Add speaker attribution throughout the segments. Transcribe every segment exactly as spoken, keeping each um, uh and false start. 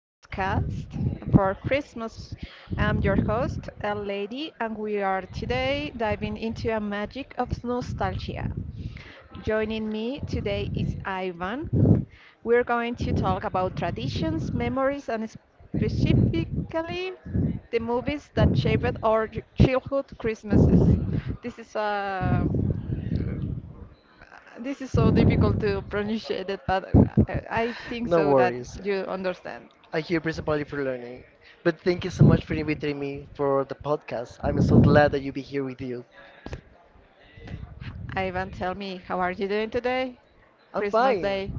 Speaker 1: podcast for Christmas. I'm your host, a lady, and we are today diving into a magic of nostalgia. Joining me today is Ivan. We're going to talk about traditions, memories, and specifically the movies that shaped our childhood Christmas. This is a This is so difficult to pronounce it, but uh, I think
Speaker 2: No
Speaker 1: so that
Speaker 2: worries.
Speaker 1: you understand.
Speaker 2: I'm here principally for learning. But thank you so much for inviting me for the podcast. I'm so glad that you be here with you.
Speaker 1: Ivan, tell me, how are you doing today?
Speaker 2: I'm
Speaker 1: Christmas
Speaker 2: fine.
Speaker 1: Day.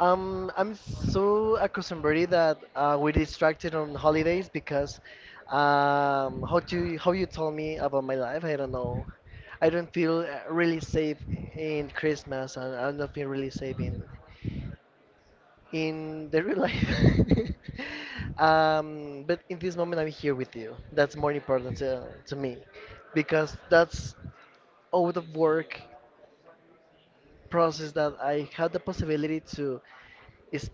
Speaker 2: Um, I'm so accustomed that uh, we're distracted on holidays because um, how to how you told me about my life, I don't know. I don't feel uh, really safe in Christmas, and I don't feel really safe in in the real life. um, but in this moment, I'm here with you. That's more important to, to me, because that's all the work process that I had the possibility to is,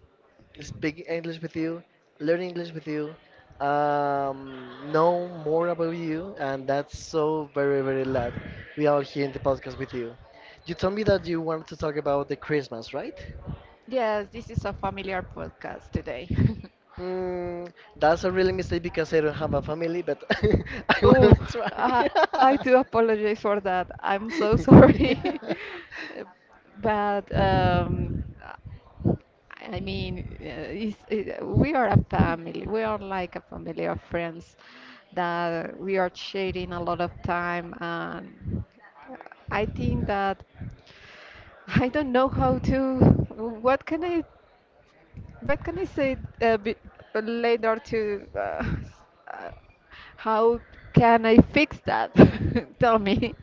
Speaker 2: speak English with you, learn English with you, um, know more about you, and that's so very, very glad we are here in the podcast with you. You told me that you wanted to talk about the Christmas, right?
Speaker 1: Yes, this is a familiar podcast today.
Speaker 2: Mm, that's a really mistake because I don't have a family, but I want to
Speaker 1: Oh,
Speaker 2: try.
Speaker 1: uh, I do apologize for that. I'm so sorry. But um, I mean, uh, it's, it, we are a family. We are like a family of friends that we are sharing a lot of time. And I think that I don't know how to. What can I what can I say a bit later to uh, uh, how can I fix that? Tell me.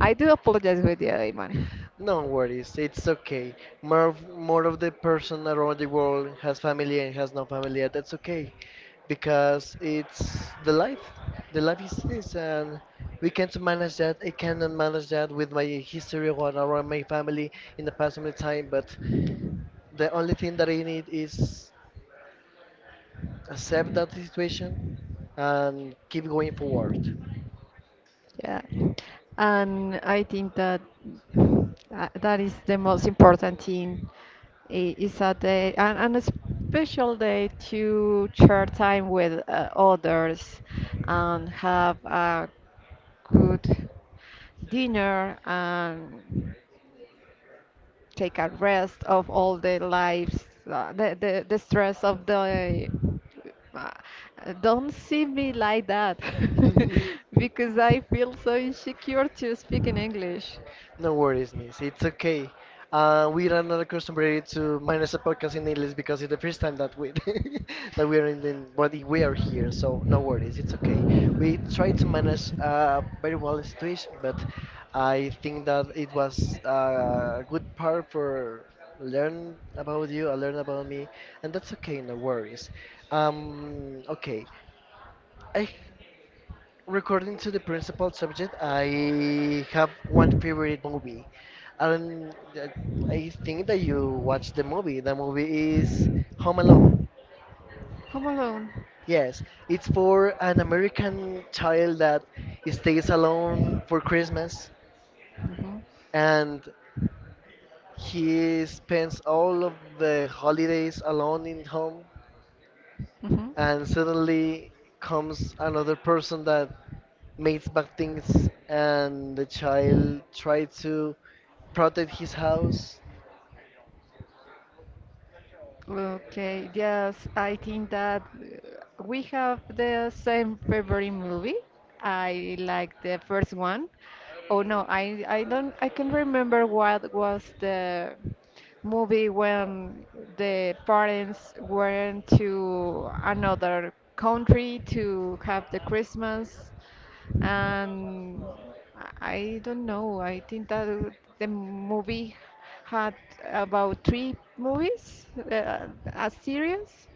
Speaker 1: I do apologize with you, Iman.
Speaker 2: No worries, it's okay. More of, more of the person around the world has family and has no family, and that's okay, because it's the life. The life is this, and we can't manage that. I cannot manage that with my history or around my family in the past of the time. But the only thing that I need is accept that situation and keep going forward.
Speaker 1: Yeah. And I think that uh, that is the most important thing. i- Is a day and, and a special day to share time with uh, others and have a good dinner. And take a rest of all the lives, uh, the, the, the stress of the. Uh, uh, don't see me like that because I feel so insecure to speak in English.
Speaker 2: No worries, miss. It's okay. Uh, we are not accustomed to minus a podcast in English because it's the first time that we that we are in the body. We are here, so no worries. It's okay. We tried to manage uh, very well the situation, but I think that it was uh, a good part for learn about you, I learn about me, and that's okay. No worries. Um, okay. I Recording to the principal subject, I have one favorite movie. I don't. I I think that you watched the movie. The movie is Home Alone.
Speaker 1: Home alone.
Speaker 2: Yes, it's for an American child that stays alone for Christmas,
Speaker 1: Hmm.
Speaker 2: and he spends all of the holidays alone in home, and suddenly comes
Speaker 1: Hmm.
Speaker 2: another person that makes bad things and the child try to protect his house.
Speaker 1: Okay, yes, I think that uh, we have the same favorite movie. I like the first one. Oh no, I I don't I can remember what was the movie when the parents went to another country to have the Christmas and I don't know. I think that uh, the movie had about three movies, uh, a series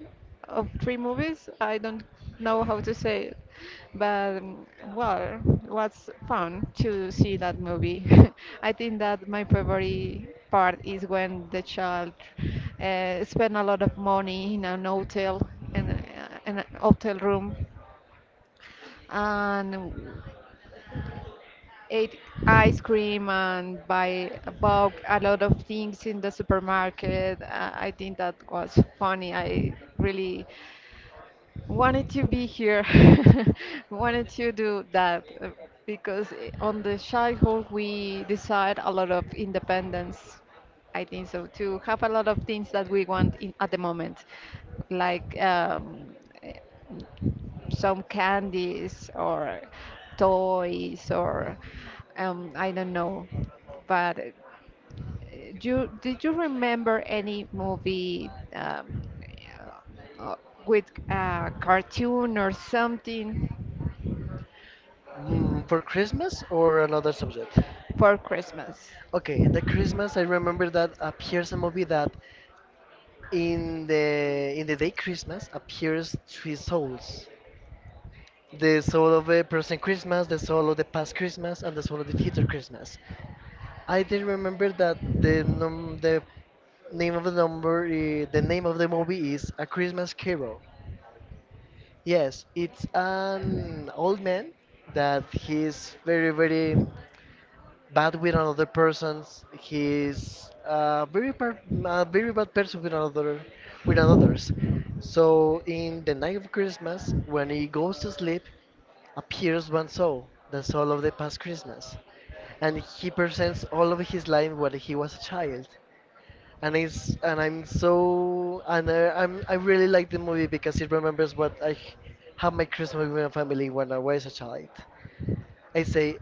Speaker 1: of three movies. I don't know how to say it, but um, well, it was fun to see that movie. I think that my favorite part is when the child uh, spent a lot of money in an hotel in, a- in a hotel room and ate ice cream and buy bought a lot of things in the supermarket. Uh, I think that was funny. I really wanted to be here, wanted to do that uh, because i- on the childhood we decide a lot of independence. I think so to have a lot of things that we want in at the moment, like um, eh, some candies or toys or um, I don't know, but do you, did you remember any movie um, uh, uh, with a cartoon or something
Speaker 2: Mm, for Christmas or another subject?
Speaker 1: for Christmas?
Speaker 2: Okay, the Christmas I remember that appears a movie that in the in the day Christmas appears three souls. The soul of a present Christmas, the soul of the past Christmas, and the soul of the future Christmas. I did remember that the num the name of the number i- the name of the movie is A Christmas Carol. Yes, it's an old man that he's very, very bad with another persons. He's a very, per a very bad person with another, with others. So in the night of Christmas, when he goes to sleep, appears one soul, the soul of the past Christmas, and he presents all of his life when he was a child, and it's and I'm so and uh, I'm I really like the movie because it remembers what I had my Christmas with my family when I was a child. I say,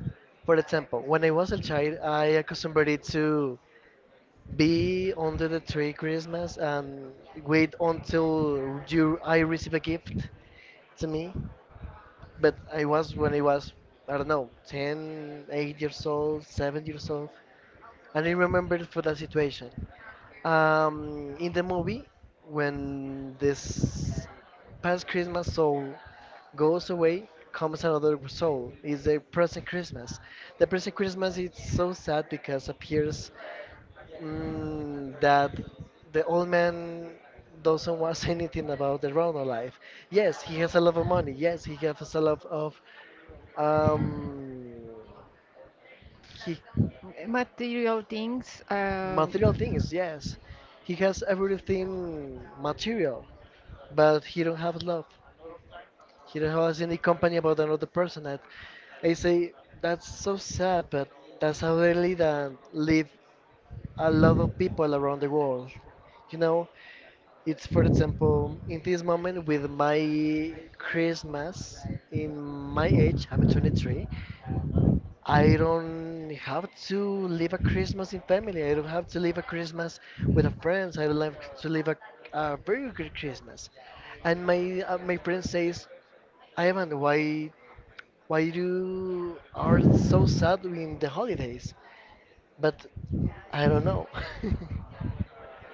Speaker 2: for example, when I was a child, I accustomed it to be under the tree Christmas and wait until you I receive a gift to me. But I was when I was, I don't know, ten eight years old, seven years old, and I remember for that situation. Um, in the movie, when this past Christmas soul goes away, comes another soul. It's the present Christmas. The present Christmas is so sad because appears mm, that the old man doesn't want anything about the Rono life. Yes, he has a lot of money. Yes, he has a lot of um, he,
Speaker 1: Material things
Speaker 2: material
Speaker 1: um,
Speaker 2: things. Yes, he has everything material, but he don't have love. He don't have any company about another person. And I say that's so sad, but that's how they live, and live a lot of people around the world. You know, it's for example in this moment with my Christmas. In my age, I'm twenty-three. I don't have to live a Christmas in family. I don't have to live a Christmas with a friends. I don't have to live a, a very good Christmas. And my uh, my friend says, Ivan, why why you are so sad during the holidays? But I don't know.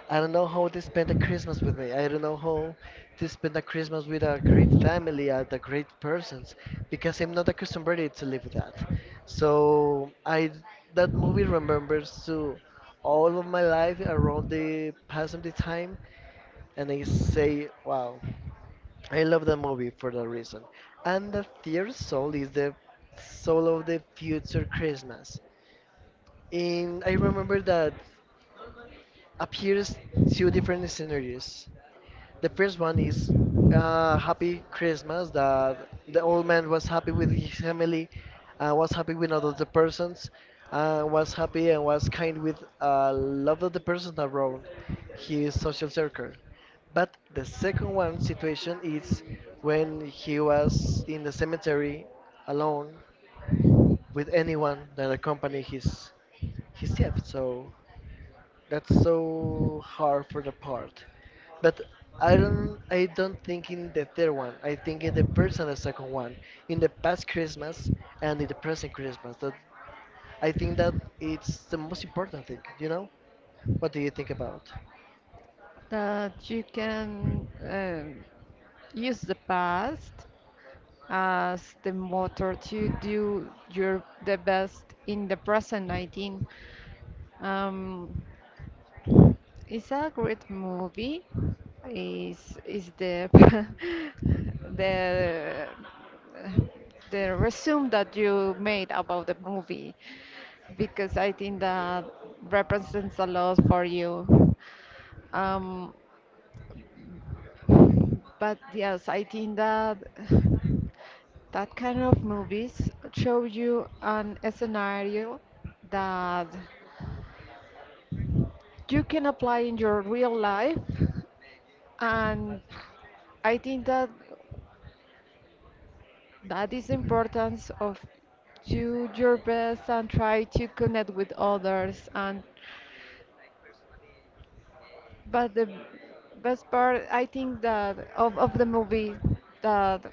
Speaker 2: I don't know how to spend a Christmas with me. I don't know how to spend a Christmas with a great family and a great persons because I'm not accustomed to live that. So I that movie remembers to all of my life around the past of the time, and I say, wow. I love the movie for that reason. And the third soul is the soul of the future Christmas. And I remember that appears two different scenarios. The first one is uh, Happy Christmas, that the old man was happy with his family, uh, was happy with other persons, uh, was happy and was kind with a lot of the persons around his social circle. But the second one situation is when he was in the cemetery alone, with anyone that accompanied his his death. So that's so hard for the part. But I don't I don't think in the third one. I think in the first and the second one. In the past Christmas and in the present Christmas. That I think that it's the most important thing, you know? What do you think about?
Speaker 1: that you can um use the past as the motor to do your the best in the present. I think. Um, It's a great movie. Is is the the the resume that you made about the movie because I think that represents a lot for you. Um, but yes, I think that that kind of movies show you an scenario that you can apply in your real life and I think that that is the importance of do your best and try to connect with others and but the best part I think that of, of the movie that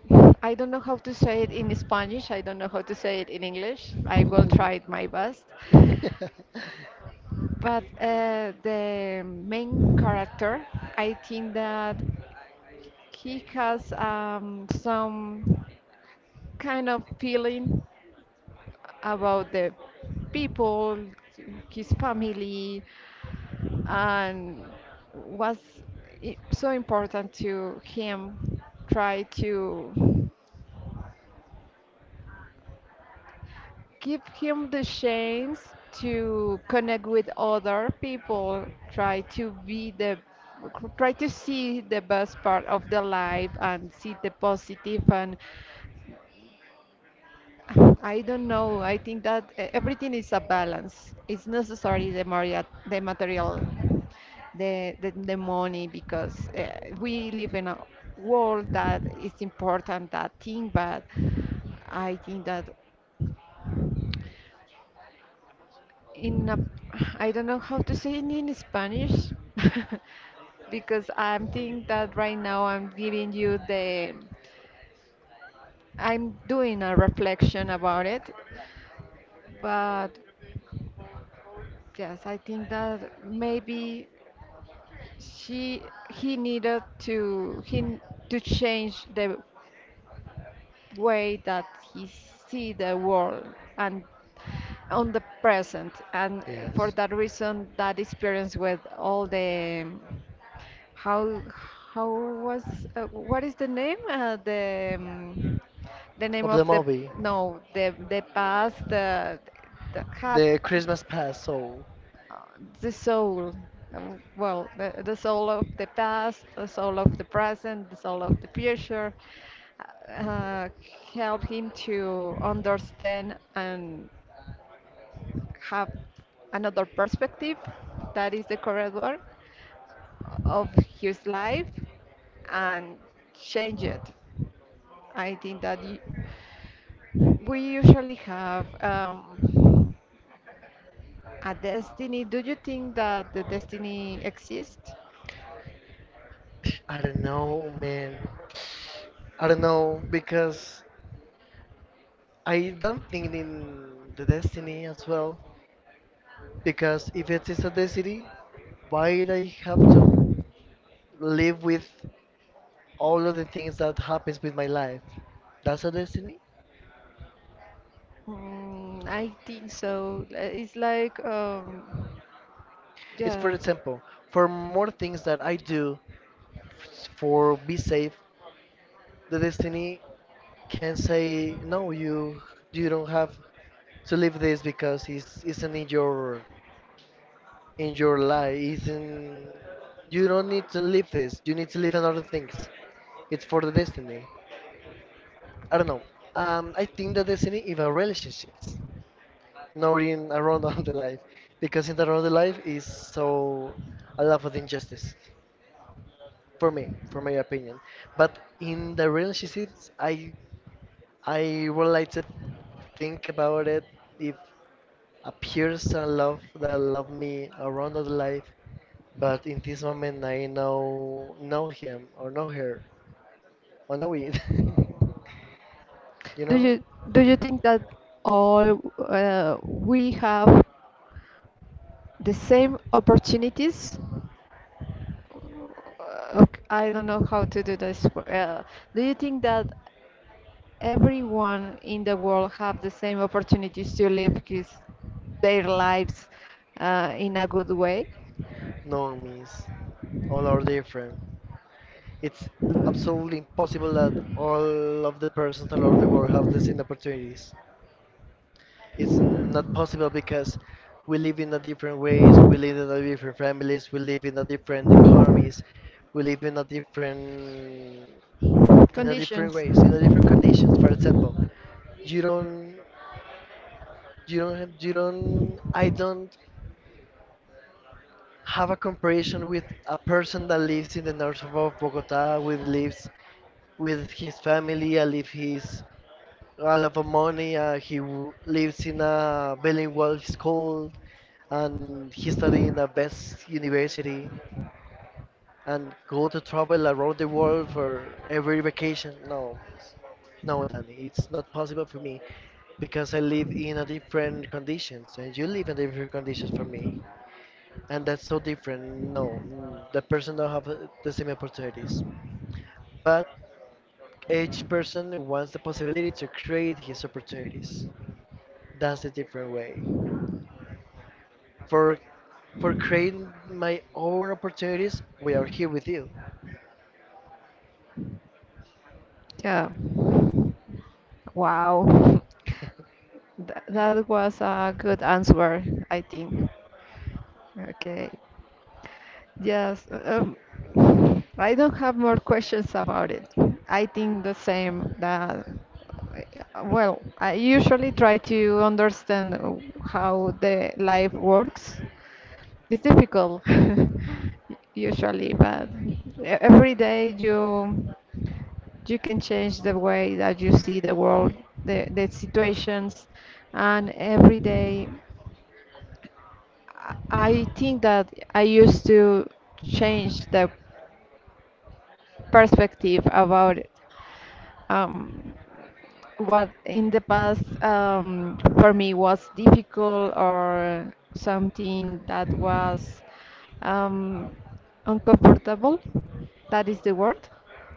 Speaker 1: I don't know how to say it in Spanish, I don't know how to say it in English, I will try my best but uh, the main character I think that he has um, some kind of feeling about the people, his family, and was i- so important to him try to give him the chance to connect with other people try to be the try to see the best part of the life and see the positive and I don't know. I think that e- everything is a balance. It's necessary the Maria, the material, the the, the money because uh, we live in a world that is important that thing. But I think that in a, I don't know how to say it in Spanish because I'm think that right now I'm giving you the, I'm doing a reflection about it, but. Yes, I think that maybe she he needed to he to change the way that he see the world and on the present and for
Speaker 2: Yes.
Speaker 1: that reason that experience with all the um, how how was uh, what is the name? Uh, the um, the name
Speaker 2: Of the
Speaker 1: of the
Speaker 2: movie.
Speaker 1: no the the past uh, the had
Speaker 2: The
Speaker 1: uh,
Speaker 2: Christmas past. So
Speaker 1: uh, the soul. Uh, well, the, the soul of the past, the soul of the present, the soul of the future, uh, help him to understand and have another perspective. That is the correct word of his life and change it. I think that y- we usually have um, a destiny. Do you think that the destiny exists?
Speaker 2: I don't know, man. I don't know because I don't think in the destiny as well. Because if it is obesity, why would I have to live with all of the things that happens with my life? That's a destiny.
Speaker 1: Mm, I think so. Uh, It's like, um,
Speaker 2: It's for
Speaker 1: yeah.
Speaker 2: example, for more things that I do f- for be safe, the destiny can say no. You you don't have to live this because it's isn't in your in your life. Isn't, you don't need to live this. You need to live another things. It's for the destiny. I don't know. Um, I think the destiny is a relationships, noting around of the life, because in the around the life is so a lot of injustice for me, for my opinion. But in the relationships, i i would like to think about it. If appears a person love that love me around of the life, but in this moment I know know him, or know her, or know it. You
Speaker 1: Do
Speaker 2: know.
Speaker 1: you do you think that all uh, we have the same opportunities? Okay, I don't know how to do this. Well, do you think that everyone in the world have the same opportunities to live his, their lives uh, in a good way?
Speaker 2: No means. All are different. It's absolutely impossible that all of the persons all over the world have the same opportunities. It's not possible because we live in a different ways, we live in a different families, we live in a different economies, we live in a different, in a different
Speaker 1: Conditions.
Speaker 2: ways, in a different conditions. For example, you don't you don't have, you don't I don't have a comparison with a person that lives in the north of Bogota, with lives with his family and live his a lot of money. Uh, he w- lives in a bilingual school, and he study in the best university, and go to travel around the world for every vacation. No, no, Danny, it's not possible for me because I live in a different conditions, and you live in different conditions for me, and that's so different. No, mm, the person don't have uh, the same opportunities, but each person wants the possibility to create his opportunities. That's the different way. for for creating my own opportunities. We are here with you.
Speaker 1: Yeah. Wow. Th- that was a good answer, I think. Okay. Yes, um, I don't have more questions about it. I think the same that, uh, well, I usually try to understand uh, how the life works. It's difficult usually, but e- every day you you can change the way that you see the world, the, the situations, and every day I I think that I used to change the perspective about it. Um, what in the past um, for me was difficult or something that was um, uncomfortable, that is the word.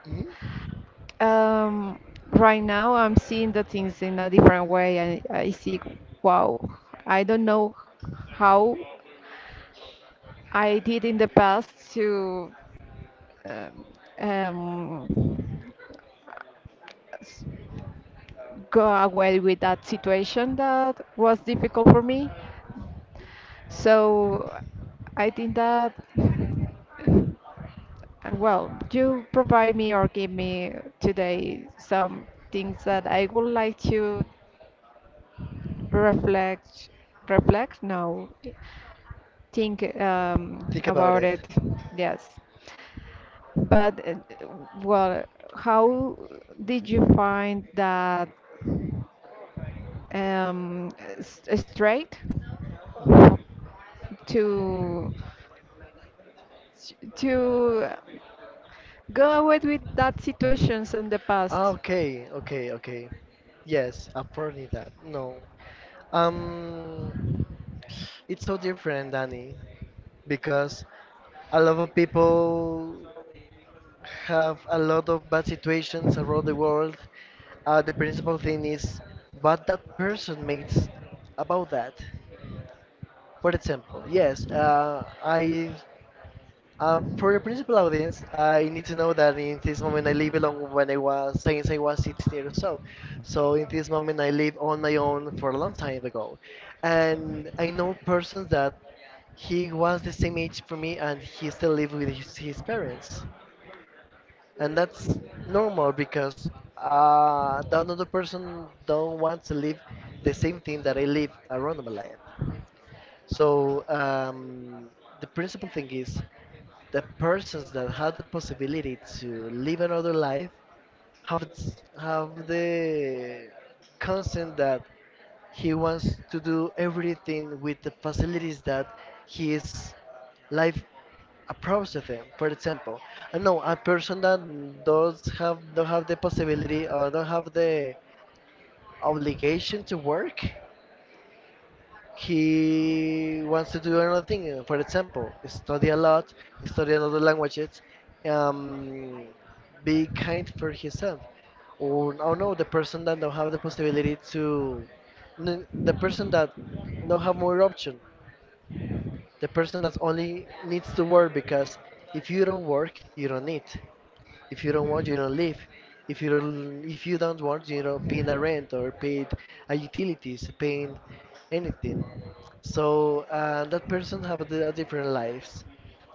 Speaker 2: Mhm.
Speaker 1: Um, right now, I'm seeing the things in a different way. I, I see, wow, I don't know how I did in the past to um, um, go away with that situation that was difficult for me. So I think that, uh, well, you provide me or give me today some things that I would like to reflect, reflect, no, think um,
Speaker 2: Think about
Speaker 1: about
Speaker 2: it.
Speaker 1: it. Yes. But, uh, well, how did you find that um, s- straight? To to go away with that situations in the past.
Speaker 2: Okay, okay, okay. Yes, apparently that. No. Um, it's so different, Danny, because a lot of people have a lot of bad situations around the world. Uh, the principal thing is what that person makes about that. For example, yes, uh, I um, for the principal audience, I need to know that in this moment I live alone, when I was since I was sixteen years old. So in this moment I live on my own for a long time ago, and I know persons that he was the same age for me and he still live with his, his parents, and that's normal because uh, that another person don't want to live the same thing that I live around my life. So um, the principal thing is the persons that have the possibility to live another life have s- have the consent that he wants to do everything with the facilities that his life approves of him. For example, I know a person that does have don't have the possibility or don't have the obligation to work, he wants to do another thing. uh, For example, study a lot, study another languages, um, be kind for himself. Or oh no, the person that don't have the possibility to, n- the person that don't have more option, the person that only needs to work because if you don't work, you don't eat. If you don't want, you don't live. If you don't, if you don't want, you know, paying the rent or paying uh, utilities, paying anything. So uh, that person have the a different lives,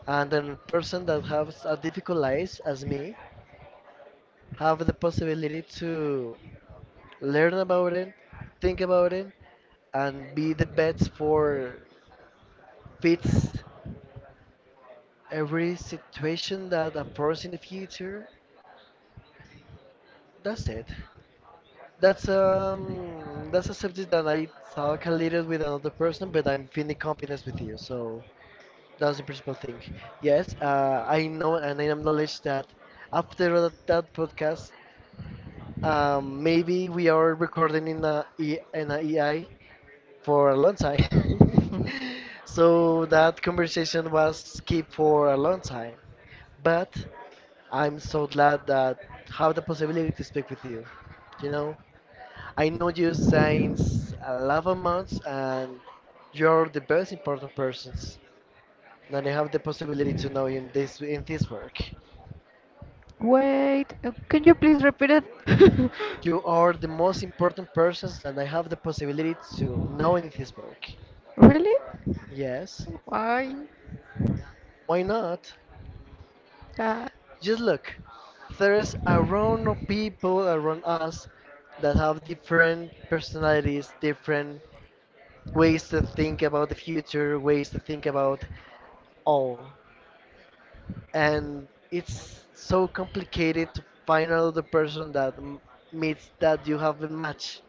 Speaker 2: and then person that has a difficult lives, as me have the possibility to learn about it, think about it, and be the best for fits every situation that occurs in the future. That's it. That's um that's a subject that I talk a little with another person, but I'm feeling confidence with you. So that's the principal thing. Yes, uh, I know and I acknowledge that after that, that podcast, um, maybe we are recording in a E- in a E I for a long time. So that conversation was kept for a long time. But I'm so glad that have the possibility to speak with you. You know. I know you since eleven months and you're the most important persons that I have the possibility to know in this in this work.
Speaker 1: Wait, uh, can you please repeat it?
Speaker 2: You are the most important persons that I have the possibility to know in this work.
Speaker 1: Really?
Speaker 2: Yes.
Speaker 1: Why?
Speaker 2: Why not?
Speaker 1: Uh,
Speaker 2: Just look. There's a round of people around us that have different personalities, different ways to think about the future, ways to think about all. And it's so complicated to find out the person that m- meets that you have a match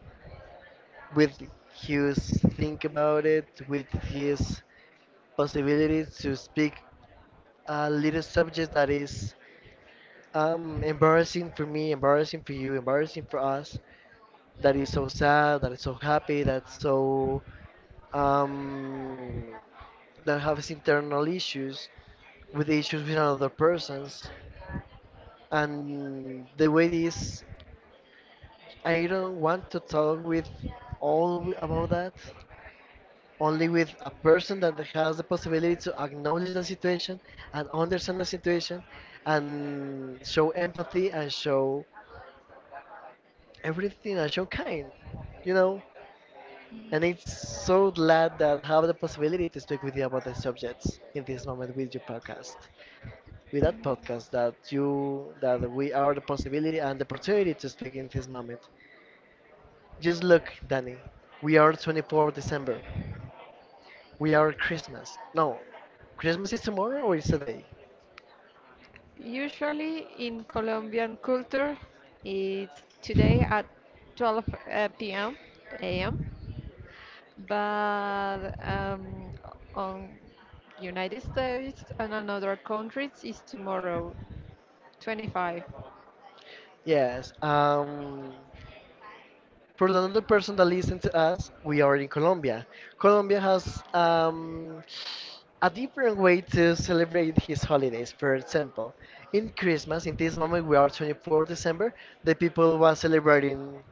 Speaker 2: with his think about it with his possibility to speak a little subject that is um, embarrassing for me, embarrassing for you, embarrassing for us, that is so sad, that is so happy, that's so um, that has internal issues with issues with another persons. And the way is, I don't want to talk with all w- about that, only with a person that has the possibility to acknowledge the situation and understand the situation and show empathy and show everything and show kind, you know. And it's so glad that I have the possibility to speak with you about the subjects in this moment with your podcast, with that podcast that you, that we are the possibility and the opportunity to speak in this moment. Just look, Danny. We are twenty-fourth of December. We are Christmas. No, Christmas is tomorrow or is today?
Speaker 1: usually in Colombian culture, it's today at twelve uh, p m but um, on United States and on other countries is tomorrow, twenty-five.
Speaker 2: Yes. Um, for the other person that listens to us, we are in Colombia. Colombia has um, a different way to celebrate his holidays. For example, in Christmas, in this moment we are twenty-fourth of December, the people were celebrating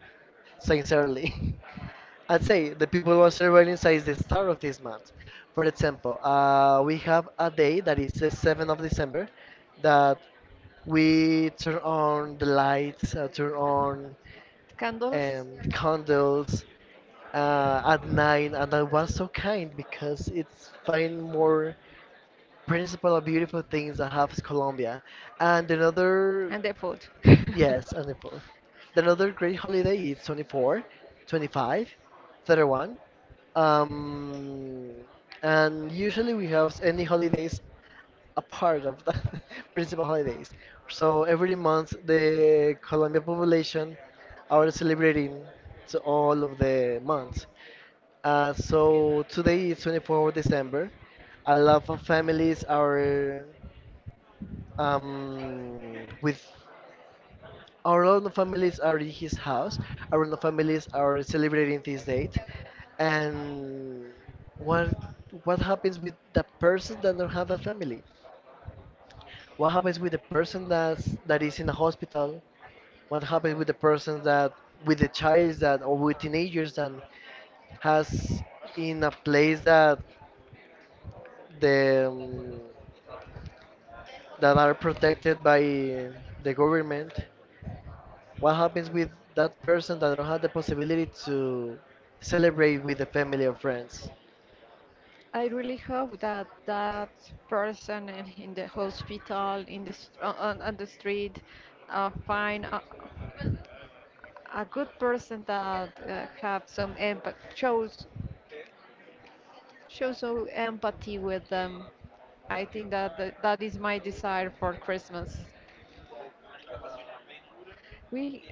Speaker 2: sincerely. I'd say the people who of Australia is the start of this month. For example, uh, we have a day that is the seventh of December that we turn on the lights, uh, turn on
Speaker 1: Candles
Speaker 2: um, candles uh, at night, and that was so kind because it's find more principle of beautiful things that has Colombia. And another,
Speaker 1: and the food.
Speaker 2: yes, and the four. Another great holiday is twenty-fourth, twenty-fifth, thirty-first. Um, and usually we have any holidays a part of the principal holidays. So every month the Colombian population are celebrating to all of the months. Uh, so today is twenty-fourth of December. A lot of families are um, with our London families are in his house. Our London families are celebrating this date. And what what happens with the person that don't have a family? What happens with the person that's that is in a hospital? What happens with the person that with the child that or with teenagers that has in a place that the um, that are protected by the government? What happens with that person that don't have the possibility to celebrate with the family or friends?
Speaker 1: I really hope that that person in in the hospital, in the st- on, on the street, uh, find a, a good person that uh, have some empathy, shows show some empathy with them. I think that th- that is my desire for Christmas. We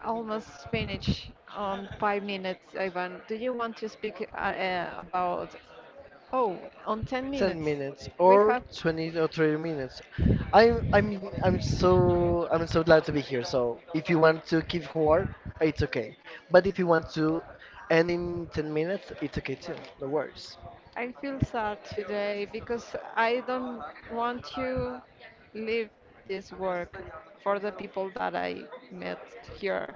Speaker 1: almost finished on five minutes, Ivan. Do you want to speak uh, uh, about? Oh, on ten
Speaker 2: ten
Speaker 1: minutes.
Speaker 2: minutes
Speaker 1: We
Speaker 2: or
Speaker 1: have.
Speaker 2: twenty or thirty minutes. I'm I'm I'm so I'm so glad to be here. So if you want to keep hard, it's okay. But if you want to end in ten minutes, it's okay too. No worries.
Speaker 1: I feel sad today because I don't want to leave this work for the people that I met here.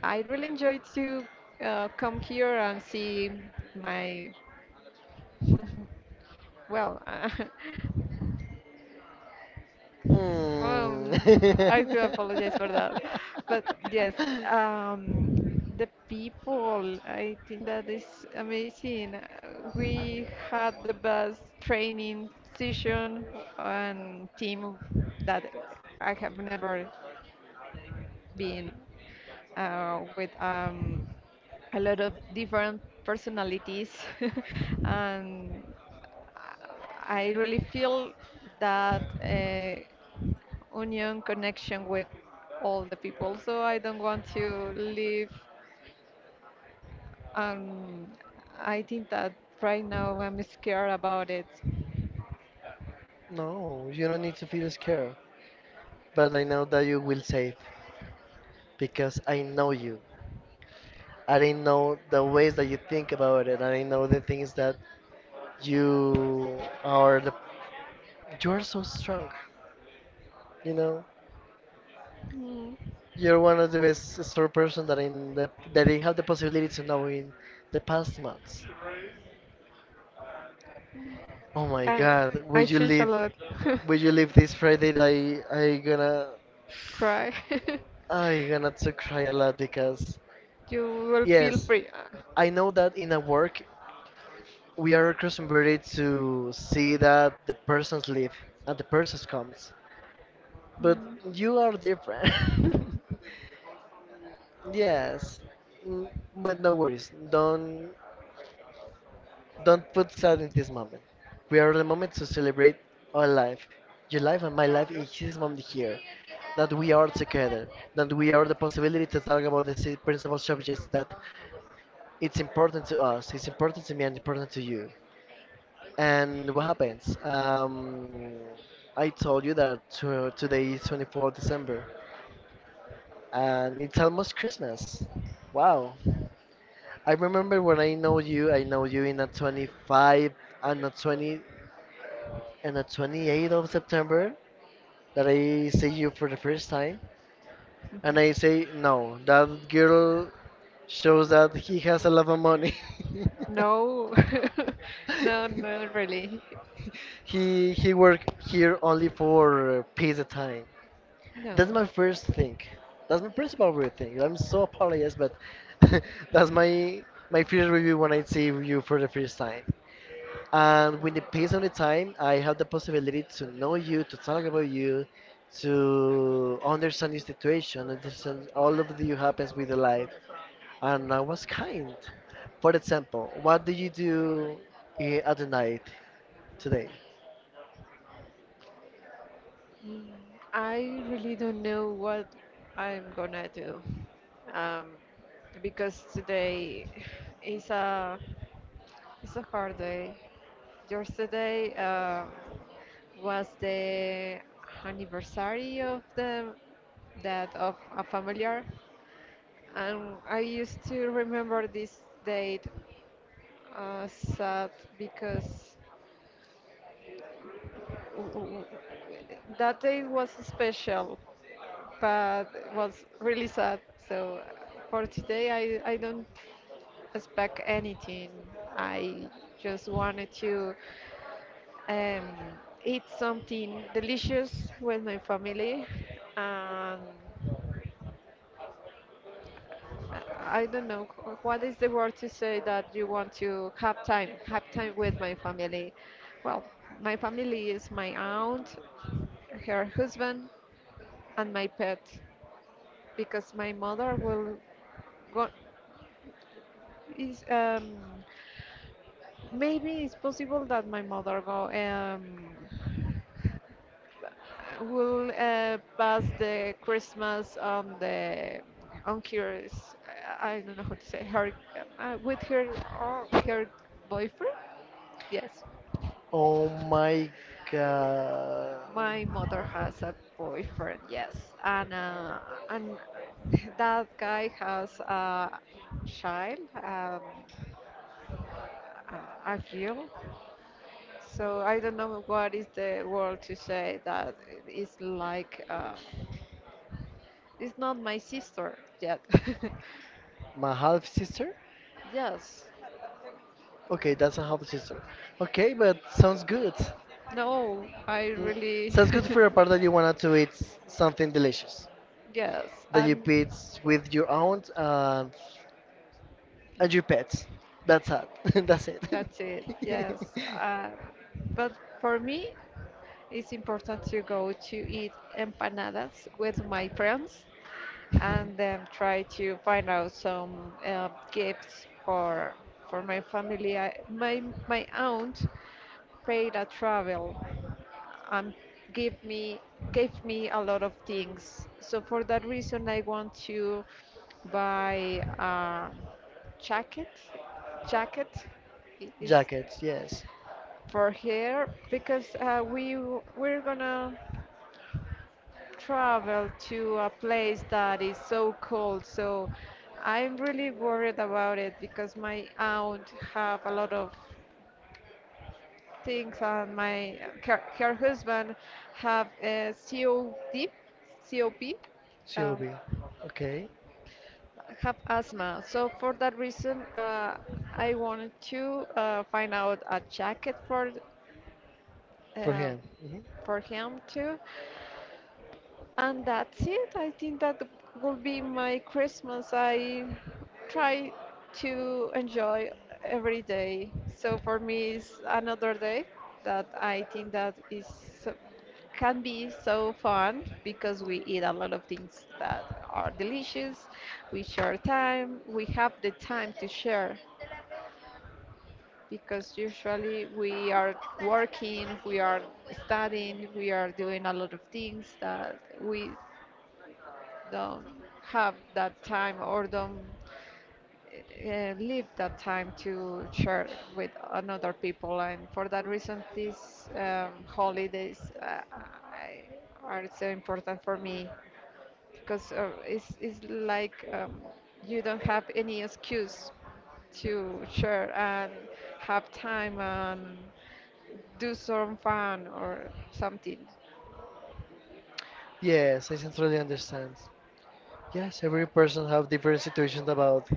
Speaker 1: I really enjoyed to uh, come here and see my well uh,
Speaker 2: Hmm.
Speaker 1: um, I do apologize for that, but yes, um, the people, I think that is amazing. Uh, We had the best training session and team that I have never been uh, with um, a lot of different personalities, and I really feel that. Uh, union connection with all the people. So I don't want to leave. Um, I think that right now I'm scared about it.
Speaker 2: No, you don't need to feel scared. But I know that you will save, because I know you. I didn't know the ways that you think about it. I didn't know the things that you are. The, you are so strong. You know,
Speaker 1: Mm.
Speaker 2: you're one of the best strong person that in the that I have the possibility to know in the past months. Oh my
Speaker 1: I,
Speaker 2: God, will
Speaker 1: I
Speaker 2: you
Speaker 1: choose a
Speaker 2: leave?
Speaker 1: lot.
Speaker 2: Will you leave this Friday? That I I gonna
Speaker 1: Cry.
Speaker 2: I gonna to cry a lot because
Speaker 1: you will feel
Speaker 2: yes,
Speaker 1: free. Uh,
Speaker 2: I know that in a work we are accustomed really to see that the persons leave and the persons comes, but
Speaker 1: Mm.
Speaker 2: you are different. Yes, Mm, but no worries. Don't don't put sad in this moment. We are the moment to celebrate our life, your life and my life in this moment here. That we are together, that we are the possibility to talk about the si- principal subjects that it's important to us, it's important to me and important to you. And what happens? Um, I told you that to, today is twenty-fourth of December, and it's almost Christmas. Wow. I remember when I know you, I know you in a twenty-five and a twenty and a twenty-eighth of September that I see you for the first time, and I say, no, that girl shows that he has a lot of money.
Speaker 1: No, no, not really.
Speaker 2: he he work here only for uh, peace of time. That's my
Speaker 1: No.
Speaker 2: first thing. That's my principal review thing. I'm so apologize, but that's my my first review when I see you for the first time. And with the pace of the time, I have the possibility to know you, to talk about you, to understand your situation, understand all of the happens with your life. And I was kind. For example, what do you do i- at the night today?
Speaker 1: Mm, I really don't know what I'm gonna do. Um, because today is a it's a hard day. Yesterday uh, was the anniversary of the that of a familiar, and I used to remember this date uh, sad because w- that day was special, but it was really sad. So for today, I, I don't expect anything. I just wanted to um, eat something delicious with my family. And I I don't know wh- what is the word to say that you want to have time, have time with my family. Well, my family is my aunt, her husband, and my pet. Because my mother will go is um maybe it's possible that my mother go um will uh, pass the christmas on the on her s- i I don't know how to say her uh, with her or her boyfriend yes
Speaker 2: Oh my god.
Speaker 1: my mother has a boyfriend yes and uh, and that guy has a child um, a a girl. So I don't know what is the word to say that it's like uh, it's not my sister yet.
Speaker 2: My half sister?
Speaker 1: Yes.
Speaker 2: Okay, that's a half sister. Okay, but sounds good.
Speaker 1: No, I
Speaker 2: Mm,
Speaker 1: really
Speaker 2: sounds good for a part that you wanted to eat something delicious,
Speaker 1: yes.
Speaker 2: that you
Speaker 1: I'm
Speaker 2: eat with your aunt and and your pets. That's it. That's it.
Speaker 1: That's it. Yes. Uh, but for me, it's important to go to eat empanadas with my friends and then try to find out some uh, gifts for for my family. I, my my aunt paid a travel and give me gave me a lot of things. So for that reason, I want to buy a jacket. Jacket i- is
Speaker 2: Jackets, yes.
Speaker 1: for her because uh, we w- we're gonna travel to a place that is so cold. So I'm really worried about it because my aunt have a lot of things and my her, her husband have a C O D, C O P, uh,
Speaker 2: Sylvie. Okay,
Speaker 1: have asthma. So for that reason, uh, I wanted to uh, find out a jacket for
Speaker 2: for
Speaker 1: uh,
Speaker 2: him. Hmm.
Speaker 1: for him too. And that's it. I think that will be my Christmas. I try to enjoy every day. So for me, it's another day that I think that is so- can be so fun because we eat a lot of things that are delicious. We share time. We have the time to share because usually we are working, we are studying, we are doing a lot of things that we don't have that time or don't uh, leave that time to share with another people. And for that reason these um, holidays, uh, I, are so important for me because uh, it's, it's like um, you don't have any excuse to share and have time and do some fun or something.
Speaker 2: Yes, I sincerely understand. Yes, every person have different situations about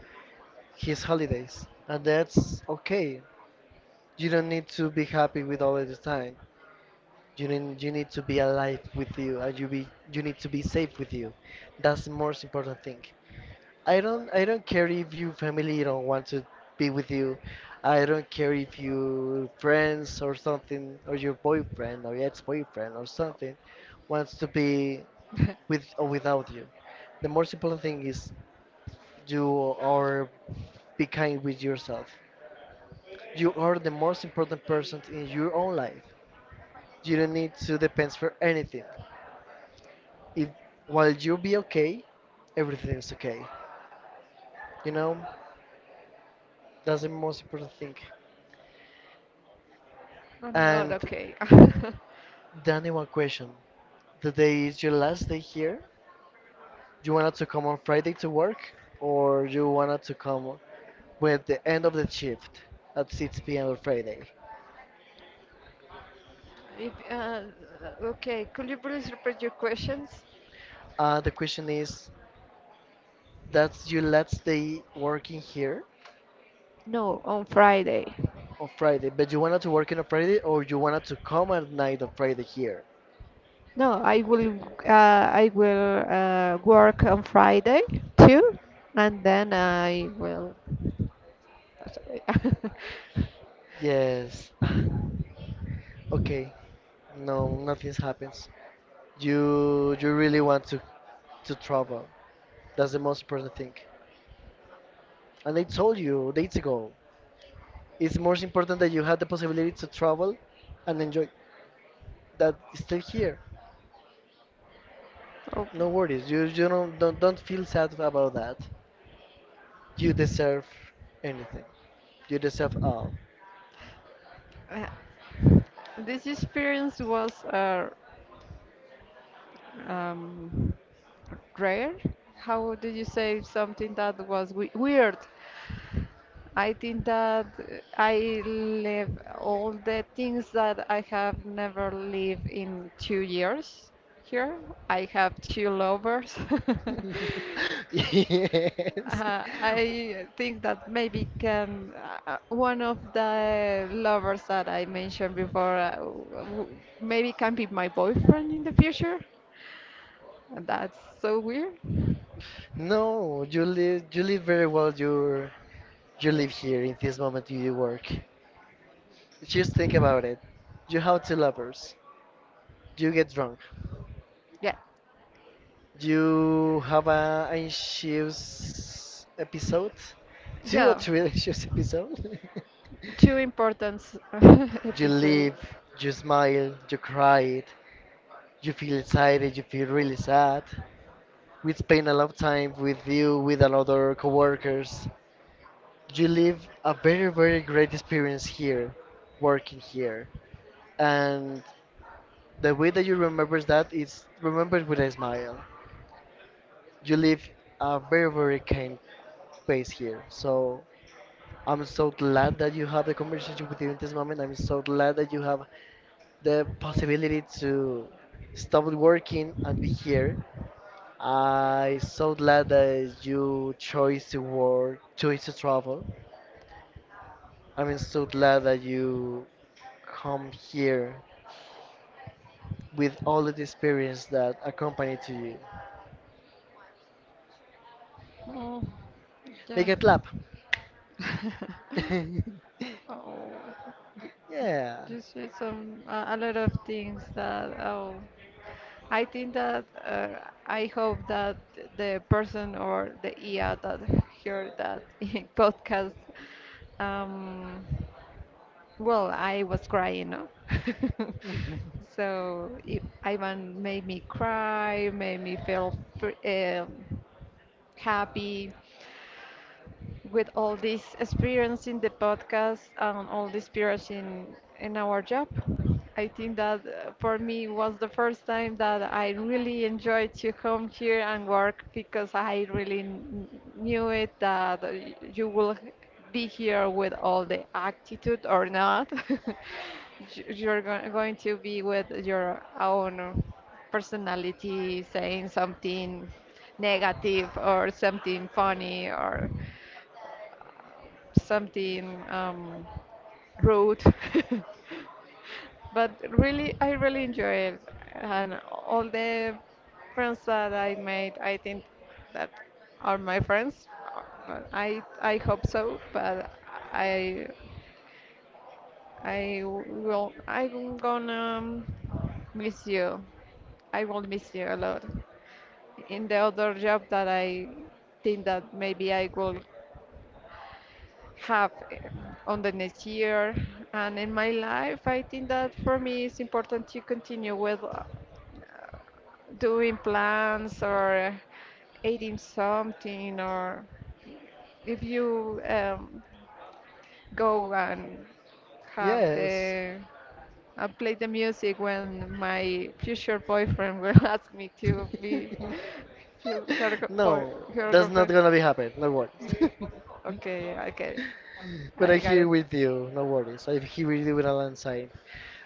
Speaker 2: his holidays, and that's okay. You don't need to be happy with all of the time. You need, you need to be alive with you, and you be you need to be safe with you. That's the most important thing. I don't I don't care if your family don't want to be with you. I don't care if your friends or something or your boyfriend or ex-boyfriend or something wants to be with or without you. The most important thing is you are be kind with yourself. You are the most important person in your own life. You don't need to depend for anything. If while you be okay, everything's okay. You know, that's the most important thing.
Speaker 1: I'm not uh,
Speaker 2: And
Speaker 1: okay.
Speaker 2: Danny, one question: the day is your last day here. You wanted to come on Friday to work, or you wanted to come with the end of the shift at six p m on Friday?
Speaker 1: If, uh, okay, could you please repeat your questions?
Speaker 2: Uh, the question is: that's your last day working here
Speaker 1: No, on Friday.
Speaker 2: on Friday, but you wanted to work on a Friday, or you wanted to come at night on Friday here?
Speaker 1: No, I will uh, I will uh, work on Friday too, and then I will.
Speaker 2: Yes. Okay, no, nothing happens. You you really want to to travel. That's the most important thing. And I told you days ago, it's most important that you have the possibility to travel and enjoy. That is still here.
Speaker 1: Oh.
Speaker 2: No worries. You you don't don't, don't feel sad about that. You deserve anything. You deserve all.
Speaker 1: Uh, this experience was uh, um, rare. How do you say something that was we weird? I think that uh, I live all the things that I have never lived in two years here. I have two lovers.
Speaker 2: Yes.
Speaker 1: Uh, I think that maybe can uh, uh, one of the lovers that I mentioned before, uh, w- w- maybe can be my boyfriend in the future. And that's so weird.
Speaker 2: No, you live you live very well. You you live here in this moment. You work. Just think about it. You have two lovers. You get drunk.
Speaker 1: Yeah.
Speaker 2: You have a an issues episode, two or
Speaker 1: Yeah.
Speaker 2: three issues episode.
Speaker 1: Two important s-
Speaker 2: You
Speaker 1: episodes.
Speaker 2: live, you smile, you cry, you feel excited, you feel really sad. We spend a lot of time with you, with another coworkers. You live a very, very great experience here, working here. And the way that you remember that is remembered with a smile. You live a very, very kind pace here. So I'm so glad that you have the conversation with you in this moment. I'm so glad that you have the possibility to stop working and be here. I'm so glad that you chose to work, chose to travel. I'm so glad that you come here with all of the experience that accompany to you.
Speaker 1: Oh,
Speaker 2: Make
Speaker 1: yeah.
Speaker 2: a clap.
Speaker 1: Oh.
Speaker 2: Yeah.
Speaker 1: Just with some uh, a lot of things that oh, I think that uh, I hope that the person or the I A that heard that podcast, um, well, I was crying, no? So it, Ivan made me cry, made me feel fr- um happy with all this experience in the podcast and all this experience in, in our job. I think that uh, for me was the first time that I really enjoyed to come here and work because I really n- knew it that uh, you will be here with all the attitude or not. You- You're go- going to be with your own personality saying something negative or something funny or something um, rude. But really, I really enjoy it, and all the friends that I made, I think that are my friends. Uh, I I hope so, but I I will I'm gonna miss you. I will miss you a lot. In the other job that I think that maybe I will have um, on the next year. And in my life I think that for me it's important to continue with uh, doing plans or uh, eating something or if you um, go and have
Speaker 2: Yes.
Speaker 1: the I play the music when my future boyfriend will ask me to be her, her, go- boy,
Speaker 2: No,
Speaker 1: her
Speaker 2: that's not
Speaker 1: girlfriend.
Speaker 2: gonna be happen. No worries.
Speaker 1: Okay, okay,
Speaker 2: But I'm
Speaker 1: I got
Speaker 2: here
Speaker 1: it.
Speaker 2: with you. No worries. I'm here with you with alongside.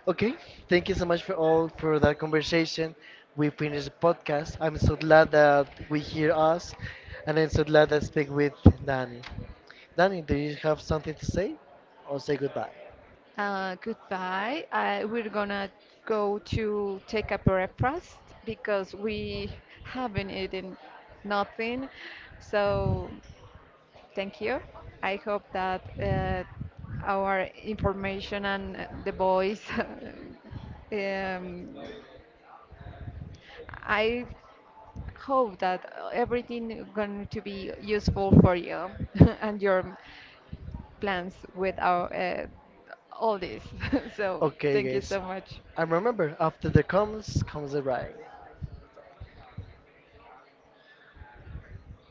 Speaker 2: Okay. Thank you so much for all for that conversation. We finished the podcast. I'm so glad that we hear us, and I'm so glad that I speak with Danny. Danny, do you have something to say, or say goodbye?
Speaker 1: Goodbye. Uh, we're gonna go to take a breakfast because we haven't eaten nothing. So, thank you. I hope that uh, our information and uh, the boys um, I hope that uh, everything going to be useful for you and your plans with our uh, all this. So
Speaker 2: Okay,
Speaker 1: thank you
Speaker 2: guys.
Speaker 1: so much.
Speaker 2: And remember, after the comes comes the ride.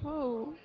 Speaker 1: Oh.